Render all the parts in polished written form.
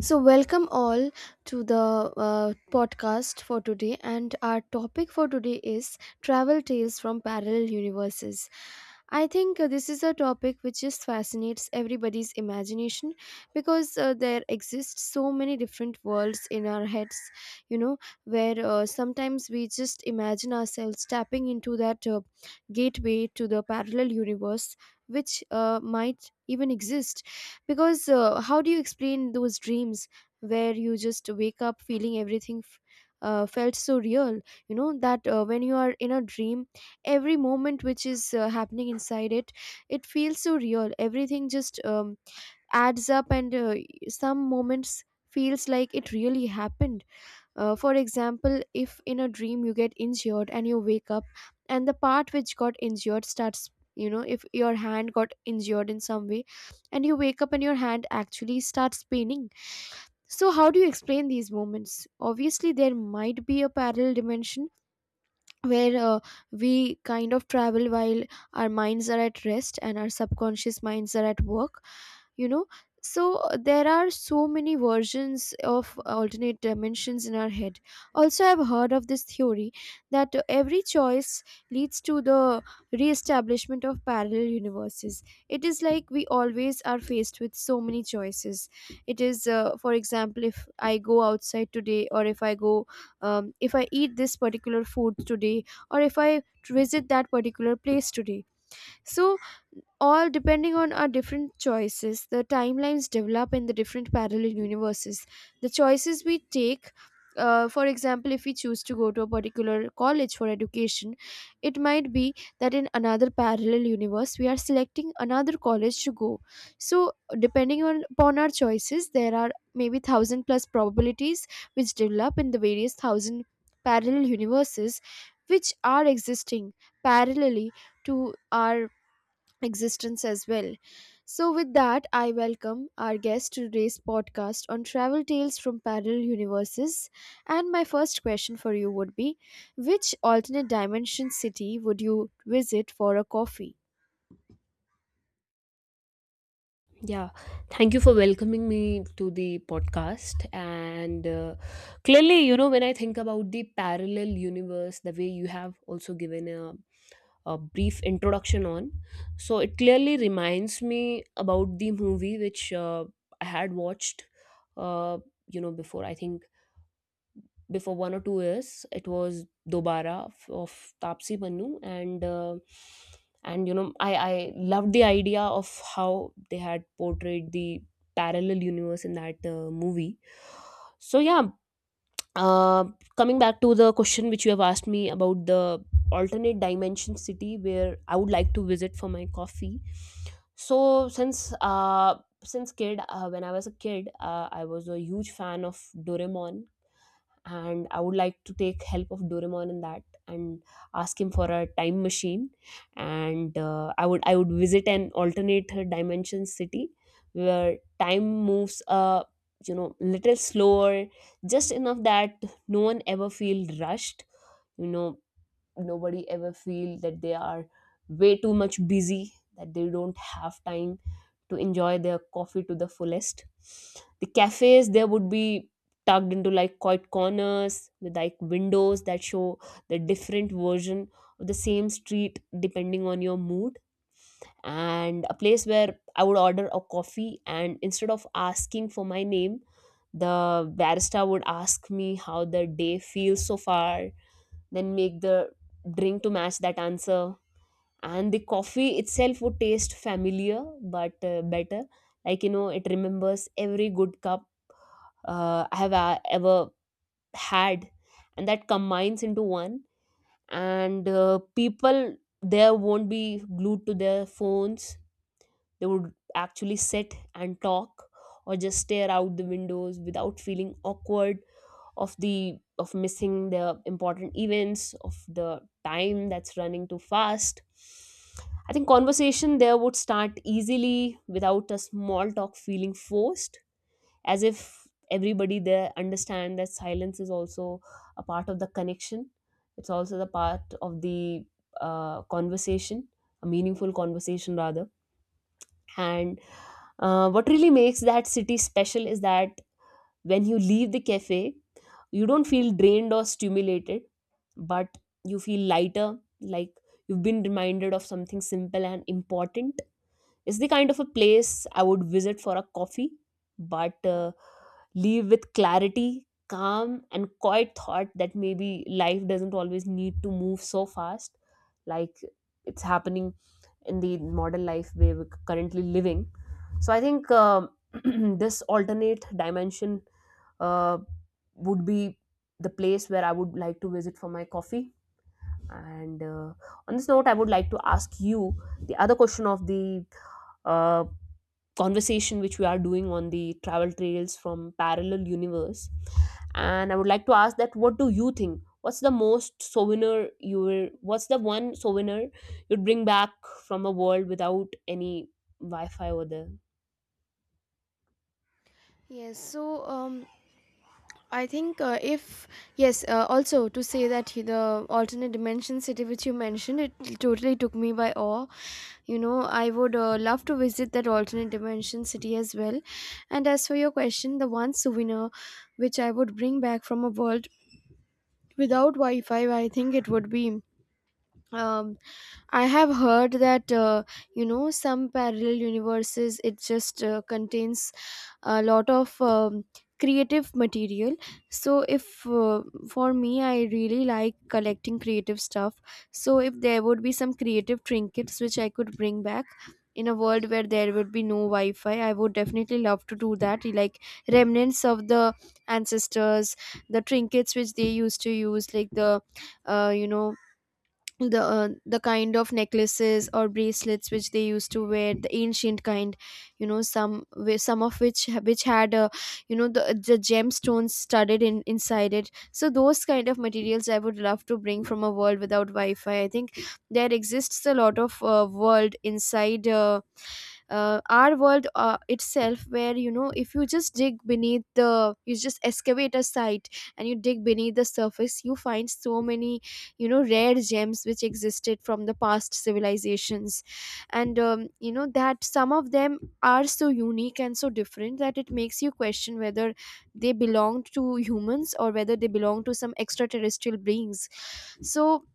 So, welcome all to the podcast for today. And our topic for today is travel tales from parallel universes. I think this is a topic which just fascinates everybody's imagination because there exist so many different worlds in our heads, you know, where sometimes we just imagine ourselves tapping into that gateway to the parallel universe, which might even exist because how do you explain those dreams where you just wake up feeling everything felt so real. You know that when you are in a dream every moment which is happening inside it feels so real. Everything just adds up, and some moments feels like it really happened. For example, if in a dream you get injured and you wake up, and the part which got injured starts, you know, if your hand got injured in some way, and you wake up and your hand actually starts paining. So, how do you explain these moments? Obviously, there might be a parallel dimension where we kind of travel while our minds are at rest and our subconscious minds are at work, you know. So there are so many versions of alternate dimensions in our head. Also, I've heard of this theory that every choice leads to the re-establishment of parallel universes. It is like we always are faced with so many choices. It is, for example, if I go outside today, or if I go, if I eat this particular food today, or if I visit that particular place today. So all depending on our different choices, the timelines develop in the different parallel universes. The choices we take, for example, if we choose to go to a particular college for education, it might be that in another parallel universe we are selecting another college to go. So depending on upon our choices, there are maybe thousand plus probabilities which develop in the various thousand parallel universes which are existing parallelly to our existence as well. So, with that, I welcome our guest to today's podcast on travel tales from parallel universes. And my first question for you would be, which alternate dimension city would you visit for a coffee? Yeah, thank you for welcoming me to the podcast. And clearly, when I think about the parallel universe, the way you have also given a brief introduction. So it clearly reminds me about the movie which I had watched, uh, before, I think, before 1 or 2 years it was dobara of Tapsi Pannu, and uh, and you know, I loved the idea of how they had portrayed the parallel universe in that movie. So yeah, uh, coming back to the question which you have asked me about the alternate dimension city where I would like to visit for my coffee. So since uh since kid When I was a kid, I was a huge fan of Doraemon, and I would like to take help of Doraemon in that and ask him for a time machine. And I would visit an alternate dimension city where time moves, little slower, just enough that no one ever feel rushed, you know, nobody ever feel that they are way too much busy that they don't have time to enjoy their coffee to the fullest. The cafes there would be tucked into like quiet corners, with like windows that show the different version of the same street depending on your mood. And a place where I would order a coffee, and instead of asking for my name, the barista would ask me how the day feels so far, then make the drink to match that answer. And the coffee itself would taste familiar but better, like you know, it remembers every good cup I have ever had, and that combines into one. And people there won't be glued to their phones. They would actually sit and talk, or just stare out the windows without feeling awkward of missing the important events of the time that's running too fast. I think conversation there would start easily without a small talk feeling forced, as if everybody there understand that silence is also a part of the connection. It's also the part of the conversation, a meaningful conversation rather. And what really makes that city special is that when you leave the cafe, you don't feel drained or stimulated, but you feel lighter, like you've been reminded of something simple and important. It's the kind of a place I would visit for a coffee, but leave with clarity, calm, and quiet thought that maybe life doesn't always need to move so fast, like it's happening in the modern life where we're currently living. So I think, this alternate dimension, uh, would be the place where I would like to visit for my coffee. And on this note, I would like to ask you the other question of the uh, conversation which we are doing on the travel trails from parallel universe. And I would like to ask that, what do you think, what's the one souvenir you'd bring back from a world without any Wi-Fi over there? Yes, so I think if yes, also to say that the alternate dimension city which you mentioned, it totally took me by awe. You know, I would love to visit that alternate dimension city as well. And as for your question, the one souvenir which I would bring back from a world without Wi-Fi, I think it would be. Um, I have heard that you know, some parallel universes, it just contains a lot of creative material. So if, for me, I really like collecting creative stuff, so if there would be some creative trinkets which I could bring back in a world where there would be no Wi-Fi, I would definitely love to do that, like remnants of the ancestors, the trinkets which they used to use, like the, you know, the kind of necklaces or bracelets which they used to wear, the ancient kind, you know, some some of which had, you know, the gemstones studded in inside it. So those kind of materials I would love to bring from a world without Wi-Fi. I think there exists a lot of world inside, our world itself, where, you know, if you just dig beneath the, you just excavate a site and you dig beneath the surface, you find so many, you know, rare gems which existed from the past civilizations. And you know that some of them are so unique and so different that it makes you question whether they belong to humans or whether they belong to some extraterrestrial beings. So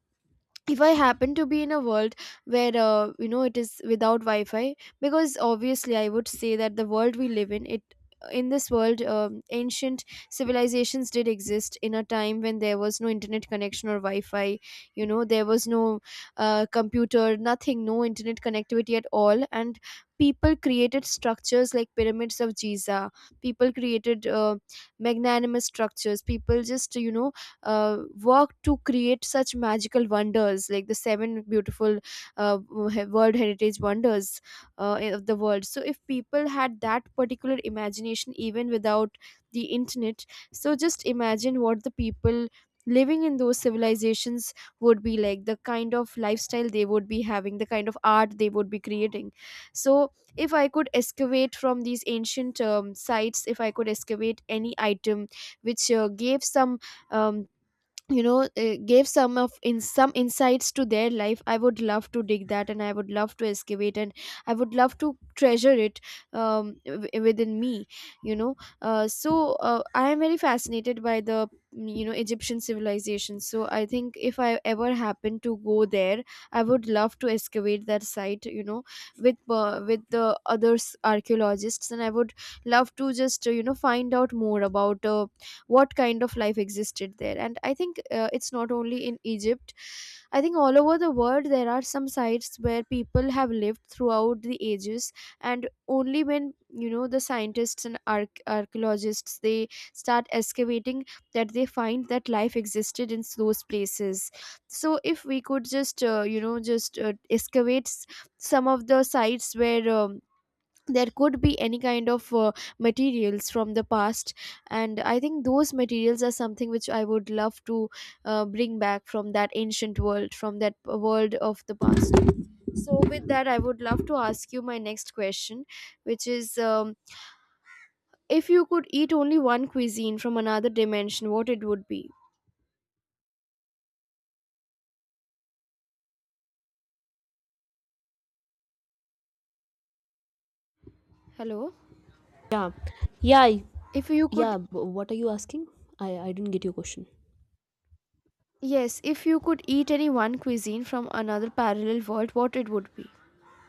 if I happen to be in a world where, you know, it is without Wi-Fi, because obviously I would say that the world we live in, it, in this world, ancient civilizations did exist in a time when there was no internet connection or Wi-Fi. You know, there was no computer, nothing, no internet connectivity at all. And people created structures like pyramids of Giza. People created magnanimous structures. People just, you know, work to create such magical wonders like the seven beautiful, uh, world heritage wonders of the world. So if people had that particular imagination even without the internet, so just imagine what the people living in those civilizations would be like, the kind of lifestyle they would be having, the kind of art they would be creating. So if I could excavate from these ancient sites, if I could excavate any item which gave some, um, you know, gave some of in some insights to their life, I would love to dig that, and I would love to excavate, and I would love to treasure it within me, you know. So I am very fascinated by the, you know, Egyptian civilization. So I think if I ever happen to go there, I would love to excavate that site, you know, with, with the other archaeologists, and I would love to just, you know, find out more about what kind of life existed there. And I think it's not only in Egypt. I think all over the world there are some sites where people have lived throughout the ages. And only when, you know, the scientists and archaeologists, they start excavating, that they find that life existed in those places. So if we could just, you know, just excavate some of the sites where, there could be any kind of materials from the past. And I think those materials are something which I would love to bring back from that ancient world, from that world of the past. So with that, I would love to ask you my next question, which is, if you could eat only one cuisine from another dimension, what it would be. Hello? Yeah, yeah, If you could, yeah. What are you asking? I didn't get your question. yes, if you could eat any one cuisine from another parallel world, what it would be.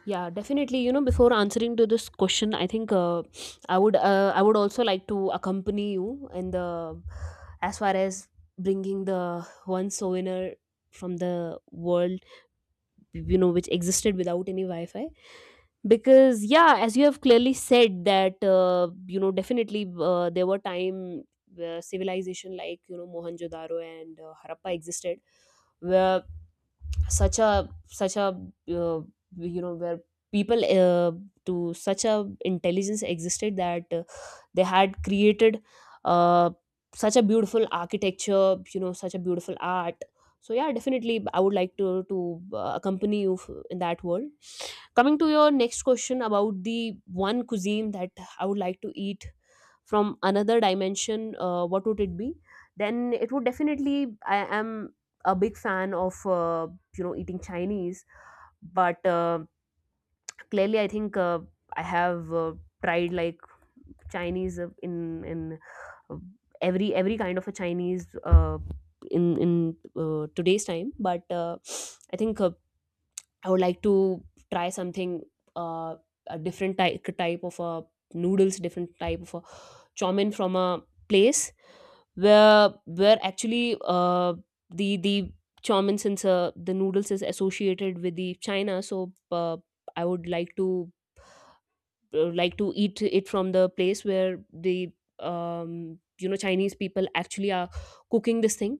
Yeah, definitely. You know, before answering to this question, I think, I would, also like to accompany you in the, as far as bringing the one souvenir from the world, you know, which existed without any Wi-Fi. Because yeah, as you have clearly said that, definitely, there were time where civilization like, you know, Mohenjo-daro and Harappa existed, where such a uh, where people, to such a intelligence existed, that they had created uh, such a beautiful architecture, you know, such a beautiful art. So yeah, definitely I would like to accompany you in that world. Coming to your next question about the one cuisine that I would like to eat from another dimension, what would it be? Then it would definitely, I am a big fan of, eating Chinese. But clearly I think, I have tried like Chinese, in uh, every kind of a Chinese, uh, in today's time. But I think, I would like to try something, uh, a different type of a noodles, different type of a chow mein, from a place where actually the, chow mein, since the noodles is associated with the China. So I would like to, eat it from the place where the, Chinese people actually are cooking this thing.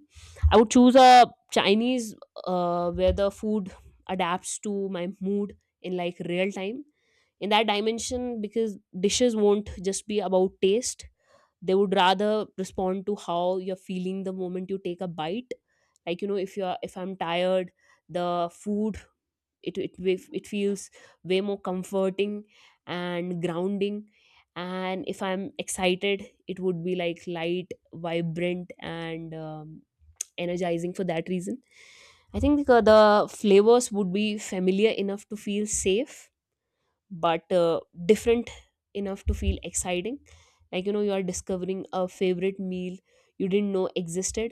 I would choose a Chinese where the food adapts to my mood in like real time, in that dimension, because dishes won't just be about taste. They would rather respond to how you're feeling the moment you take a bite. Like, you know, if I'm tired, the food, it feels way more comforting and grounding. And if I'm excited, it would be like light, vibrant, and energizing. For that reason, I think, the flavors would be familiar enough to feel safe, but different enough to feel exciting, like you know, you are discovering a favorite meal you didn't know existed.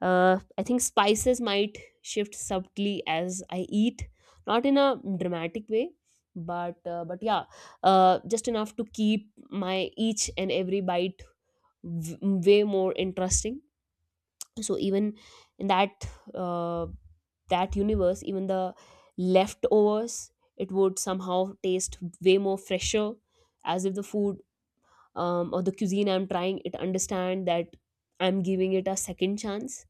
I think spices might shift subtly as I eat, not in a dramatic way, but yeah, just enough to keep my each and every bite way more interesting. So even in that, uh, that universe, even the leftovers, it would somehow taste way more fresher, as if the food, or the cuisine I'm trying, it understand that I'm giving it a second chance.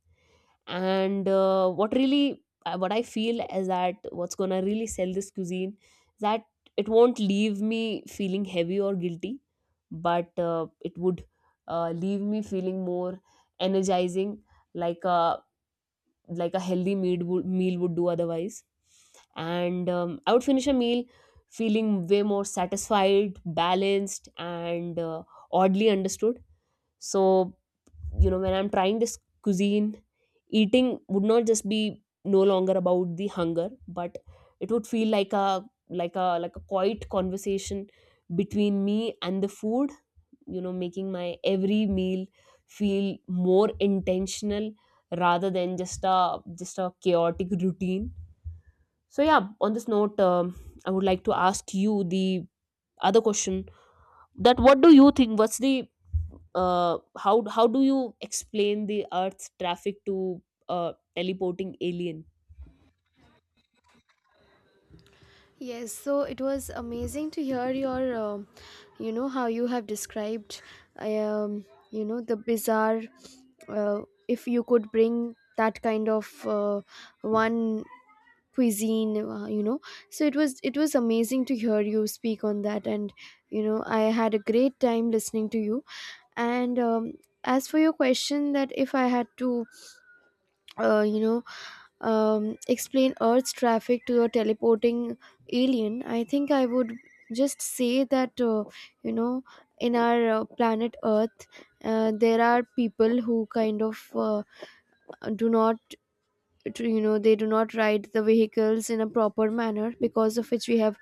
And what I feel is that, what's gonna really sell this cuisine is that it won't leave me feeling heavy or guilty, but it would leave me feeling more energizing, like a, healthy meal would do otherwise. And I would finish a meal feeling way more satisfied, balanced, and oddly understood. So, you know, when I'm trying this cuisine, eating would not just be no longer about the hunger, but it would feel like a, like a quiet conversation between me and the food, you know, making my every meal feel more intentional rather than just a chaotic routine. So yeah, on this note, I would like to ask you the other question that, what do you think, what's the how do you explain the earth's traffic to teleporting alien? Yes, so it was amazing to hear your, you know, how you have described, um, you know, the bizarre. Uh, if you could bring that kind of one cuisine, you know, so it was amazing to hear you speak on that, and you know, I had a great time listening to you. And as for your question, that if I had to, you know, explain Earth's traffic to a teleporting alien, I think I would just say that, you know, in our planet Earth, there are people who kind of do not, you know, they do not ride the vehicles in a proper manner, because of which we have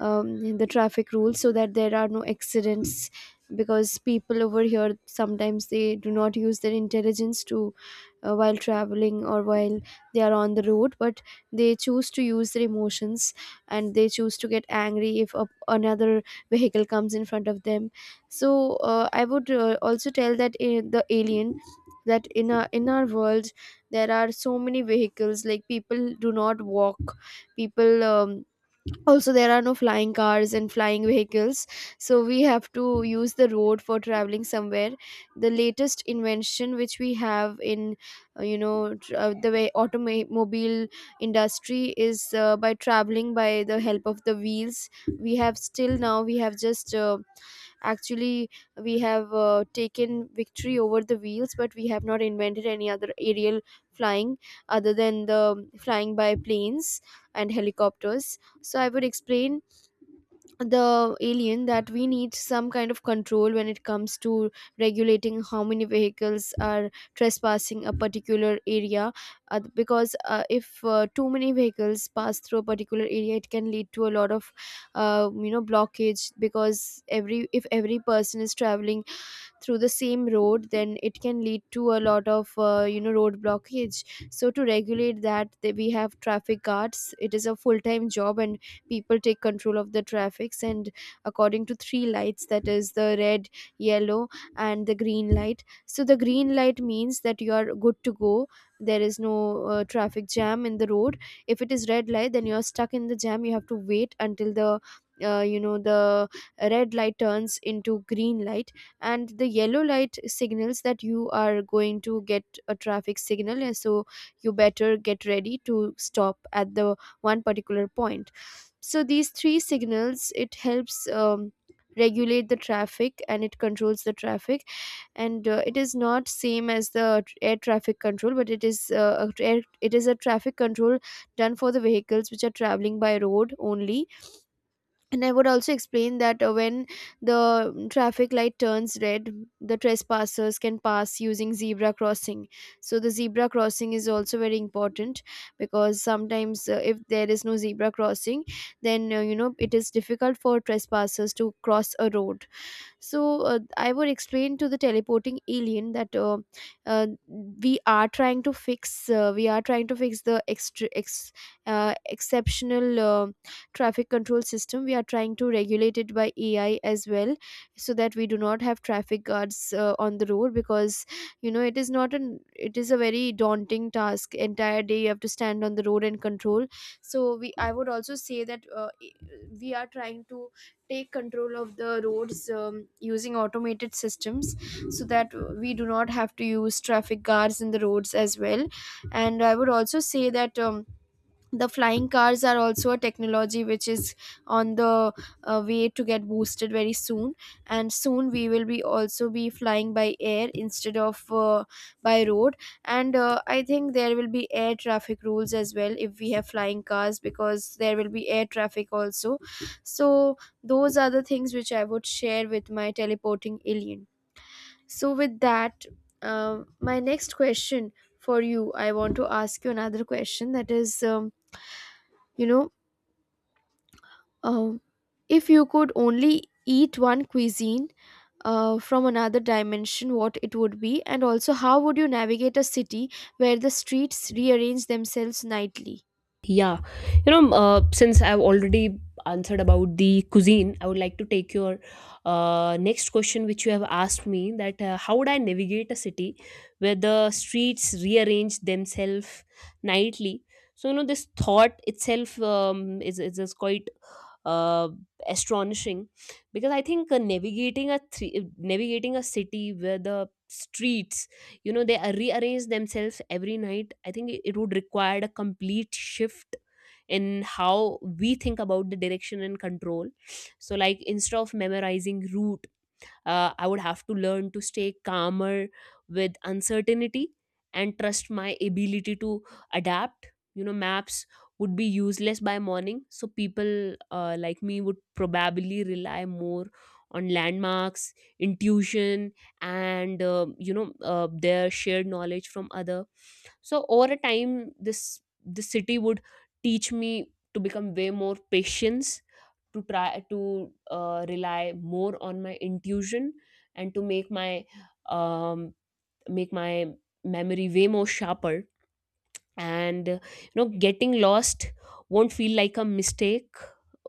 the traffic rules, so that there are no accidents, because people over here sometimes they do not use their intelligence to, while traveling or while they are on the road, but they choose to use their emotions, and they choose to get angry if a, another vehicle comes in front of them. So I would also tell that, the alien that in our world there are so many vehicles, like people do not walk, people, also there are no flying cars and flying vehicles, so we have to use the road for traveling somewhere. The latest invention which we have in, you know, the way automobile industry is, by traveling by the help of the wheels, we have, still now we have just, actually we have taken victory over the wheels, but we have not invented any other aerial flying other than the flying by planes and helicopters. So I would explain the alien that we need some kind of control when it comes to regulating how many vehicles are trespassing a particular area, because if, too many vehicles pass through a particular area, it can lead to a lot of, you know, blockage, because every, if every person is traveling through the same road, then it can lead to a lot of, you know, road blockage. So to regulate that, we have traffic guards. It is a full time job, and people take control of the traffics, and according to three lights, that is the red, yellow, and the green light. So the green light means that you are good to go, there is no traffic jam in the road. If it is red light, then you are stuck in the jam, you have to wait until the, you know, the red light turns into Green light. And the yellow light signals that you are going to get a traffic signal, and so you better get ready to stop at the one particular point. So these three signals, it helps regulate the traffic and it controls the traffic. And it is not same as the air traffic control, but it is it is a traffic control done for the vehicles which are traveling by road only. And I would also explain that when the traffic light turns red, the trespassers can pass using zebra crossing. So the zebra crossing is also very important, because sometimes if there is no zebra crossing, then it is difficult for trespassers to cross a road. So I would explain to the teleporting alien that uh, we are trying to fix the exceptional traffic control system. We are trying to regulate it by ai as well, so that we do not have traffic guards on the road, because you know it is not an it is a very daunting task. Entire day you have to stand on the road and control. So we I would also say that we are trying to take control of the roads using automated systems, so that we do not have to use traffic guards in the roads as well. And I would also say that the flying cars are also a technology which is on the way to get boosted very soon, and soon we will be also be flying by air instead of by road. And I think there will be air traffic rules as well, if we have flying cars, because there will be air traffic also. So those are the things which I would share with my teleporting alien. So with that, my next question for you. I want to ask you another question, that is, you know Uh, if you could only eat one cuisine from another dimension, what it would be, and also how would you navigate a city where the streets rearrange themselves nightly? Yeah. You know, since I've already answered about the cuisine, I would like to take your next question, which you have asked me that, how would I navigate a city where the streets rearrange themselves nightly? So, you know, this thought itself, is quite uh, astonishing, because I think, navigating a city where the streets, you know, they rearrange themselves every night, I think it would require a complete shift in how we think about the direction and control. So like, instead of memorizing route, I would have to learn to stay calmer with uncertainty and trust my ability to adapt. You know, maps would be useless by morning, so people like me would probably rely more on landmarks, intuition, and their shared knowledge from other. So over a time, this the city would teach me to become way more patience, to try to rely more on my intuition, and to make my, um, make my memory way more sharper. And getting lost won't feel like a mistake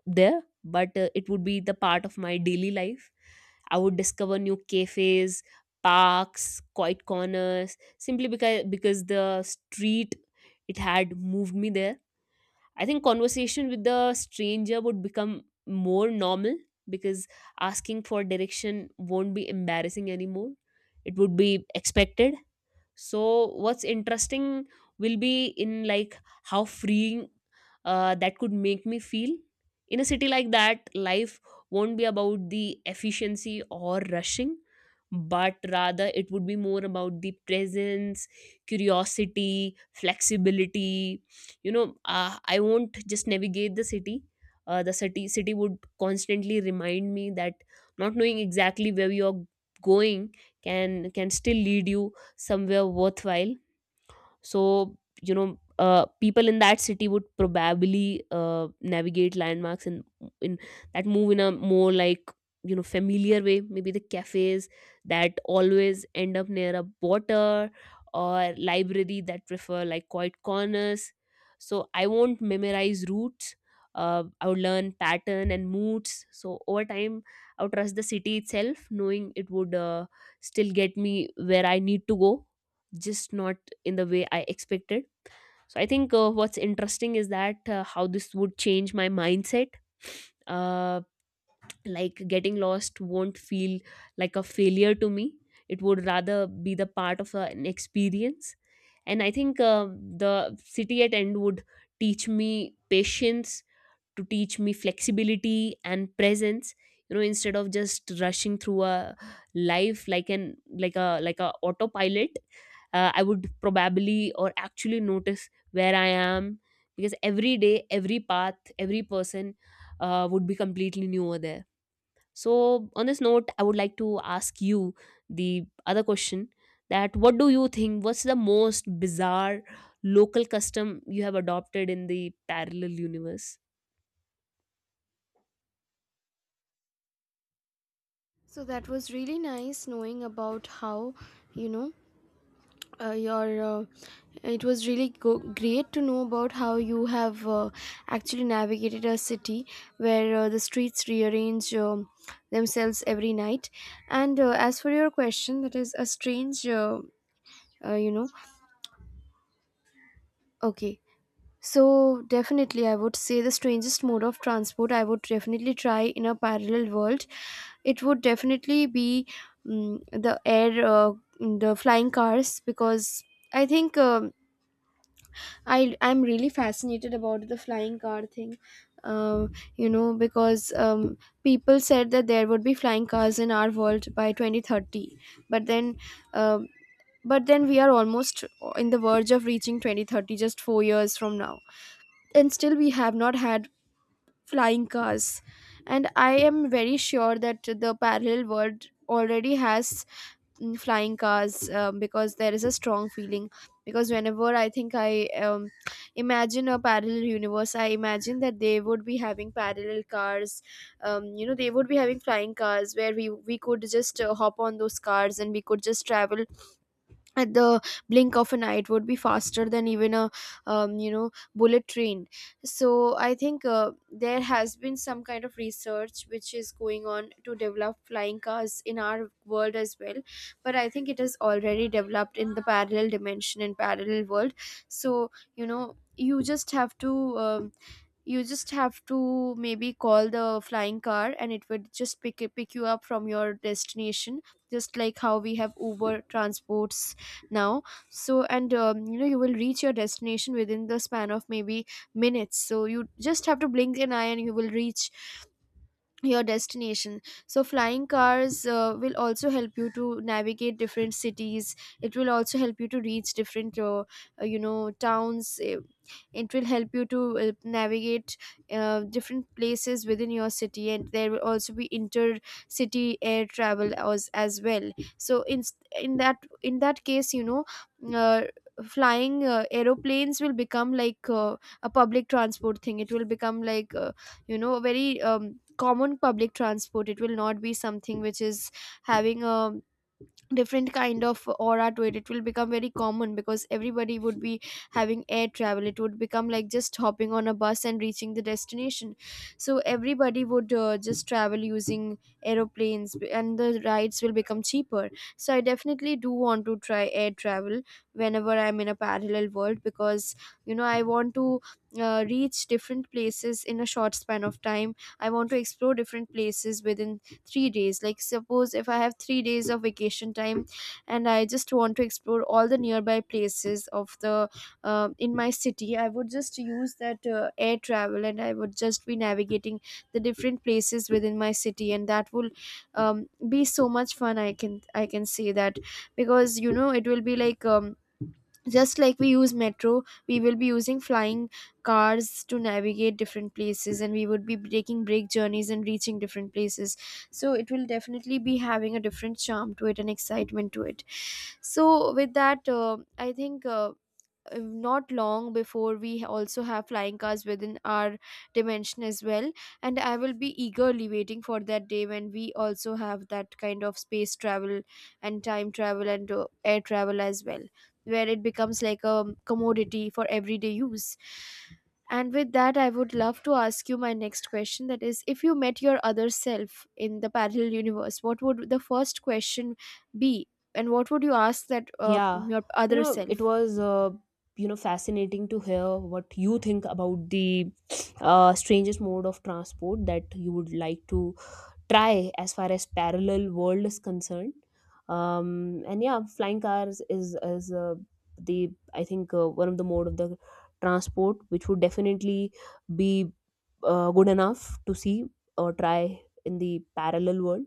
there, but it would be the part of my daily life. I would discover new cafes, parks, quiet corners, simply because the street, it had moved me there. I think conversation with the stranger would become more normal, because asking for direction won't be embarrassing anymore. It would be expected. So what's interesting will be in like how freeing that could make me feel. In a city like that, life won't be about the efficiency or rushing, but rather it would be more about the presence, curiosity, flexibility. I won't just navigate the city, the city would constantly remind me that not knowing exactly where you're going can still lead you somewhere worthwhile. So, you know, people in that city would probably navigate landmarks and, in that, move in a more like, you know, familiar way. Maybe the cafes that always end up near a water, or library that prefer like quiet corners. So I won't memorize routes. I would learn pattern and moods. So over time, I would trust the city itself, knowing it would still get me where I need to go, just not in the way I expected. So I think what's interesting is that how this would change my mindset. Um like getting lost won't feel like a failure to me, it would rather be the part of an experience. And I think the city at end would teach me patience, to teach me flexibility and presence, you know, instead of just rushing through a life like an like a autopilot. I would probably or actually notice where I am, because every day, every path, every person would be completely new over there. So, on this note, I would like to ask you the other question, that what do you think? What's the most bizarre local custom you have adopted in the parallel universe? So that was really nice knowing about how, you know, your. It was really great to know about how you have actually navigated a city where the streets rearrange themselves every night. And as for your question, that is a strange. uh, you know okay, so definitely I would say the strangest mode of transport I would definitely try in a parallel world, it would definitely be mm the air uh, the flying cars. Because I think i I'm really fascinated about the flying car thing. uh, because people said that there would be flying cars in our world by 2030, but then um but then we are almost in the verge of reaching 2030, just 4 years from now, and still we have not had flying cars. And I am very sure that the parallel world already has flying cars, because there is a strong feeling. Because whenever I think I imagine a parallel universe, I imagine that they would be having parallel cars. You know, they would be having flying cars where we could just hop on those cars and we could just travel at the blink of an eye. It would be faster than even a you know bullet train. So I think there has been some kind of research which is going on to develop flying cars in our world as well, but I think it is already developed in the parallel dimension and parallel world. So you know, you just have to um, you just have to maybe call the flying car and it would just pick you up from your destination, just like how we have uber transports now. So and you know, you will reach your destination within the span of maybe minutes. So you just have to blink an eye and you will reach your destination. So flying cars will also help you to navigate different cities. It will also help you to reach different you know towns. It will help you to navigate different places within your city, and there will also be inter city air travel as well. So in that in that case, you know, uh, flying aeroplanes will become like a public transport thing. It will become like you know a very common public transport. It will not be something which is having a different kind of aura to it. It will become very common because everybody would be having air travel. It would become like just hopping on a bus and reaching the destination. So everybody would just travel using aeroplanes, and the rides will become cheaper. So I definitely do want to try air travel whenever I'm in a parallel world, because you know, I want to reach different places in a short span of time. I want to explore different places within 3 days. Like suppose if I have 3 days of vacation time, and I just want to explore all the nearby places of the in my city, I would just use that air travel, and I would just be navigating the different places within my city, and that will um, be so much fun. I can say that, because you know it will be like just like we use metro, we will be using flying cars to navigate different places, and we would be taking break journeys and reaching different places. So it will definitely be having a different charm to it and excitement to it. So with that I think not long before we also have flying cars within our dimension as well, and I will be eagerly waiting for that day when we also have that kind of space travel and time travel and air travel as well, where it becomes like a commodity for everyday use. And with that, I would love to ask you my next question, that is, if you met your other self in the parallel universe, what would the first question be, and what would you ask that Yeah, your you other know, it self? was, you know, fascinating to hear what you think about the strangest mode of transport that you would like to try as far as parallel world is concerned. um, and yeah, flying cars is the, I think one of the mode of the transport which would definitely be good enough to see or try in the parallel world.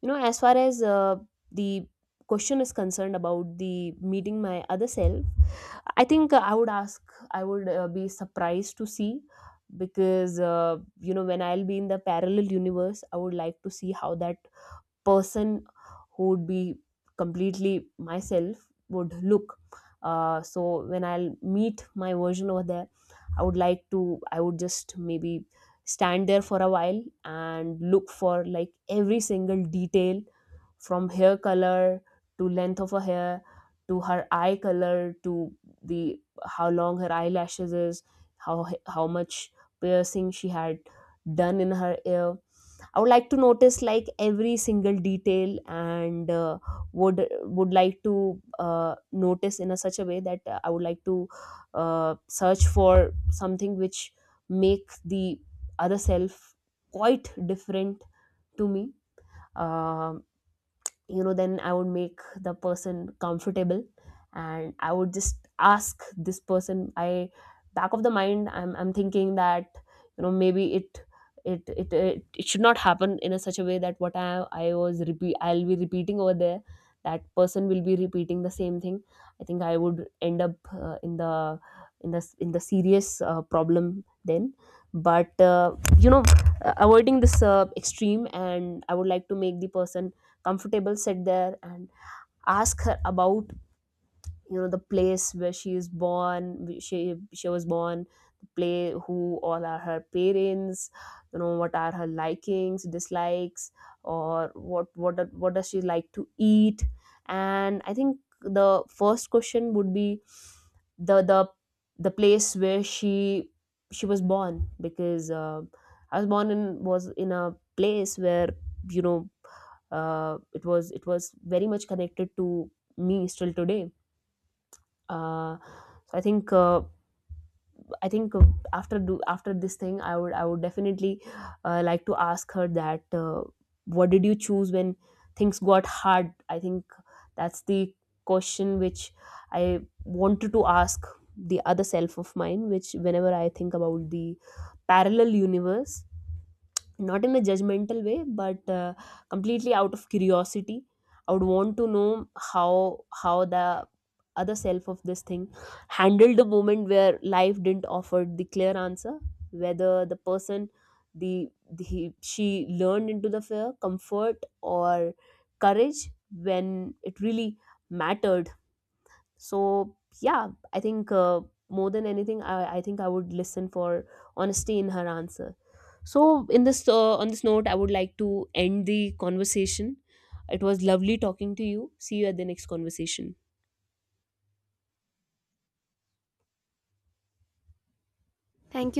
You know, as far as the question is concerned about the meeting my other self, I think I would ask, I would be surprised to see, because you know, when I'll be in the parallel universe, I would like to see how that person who would be completely myself would look. So when I'll meet my version over there, I would like to, I would just maybe stand there for a while and look for like every single detail, from hair color to length of her hair, to her eye color, to the how long her eyelashes is, how much piercing she had done in her ear. I would like to notice like every single detail, and would like to notice in a such a way that I would like to search for something which make the other self quite different to me. Um you know, then I would make the person comfortable, and I would just ask this person, I, back of the mind, I'm thinking that, you know, maybe it should not happen in a such a way that what I was repeat I'll be repeating over there, that person will be repeating the same thing. I think I would end up in the in the in the serious problem then. But you know, avoiding this extreme, and I would like to make the person comfortable, sit there, and ask her about, you know, the place where she was born, the play who all are her parents, you know, what are her likings, dislikes, or what does she like to eat. And I think the first question would be the the the place where she was born, because I was born in, was in a place where, you know, it was, it was very much connected to me still today. uh, so I think i think uh, after do after this thing, I would, I would definitely like to ask her that, what did you choose when things got hard. I think that's the question which I wanted to ask the other self of mine, which whenever I think about the parallel universe, not in a judgmental way, but completely out of curiosity. I would want to know how the other self of this thing handled the moment where life didn't offer the clear answer, whether the person, the she learned into the fear, comfort, or courage when it really mattered. So yeah, I think more than anything, I think I would listen for honesty in her answer. So in this on this note, I would like to end the conversation. It was lovely talking to you, see you at the next conversation. Thank you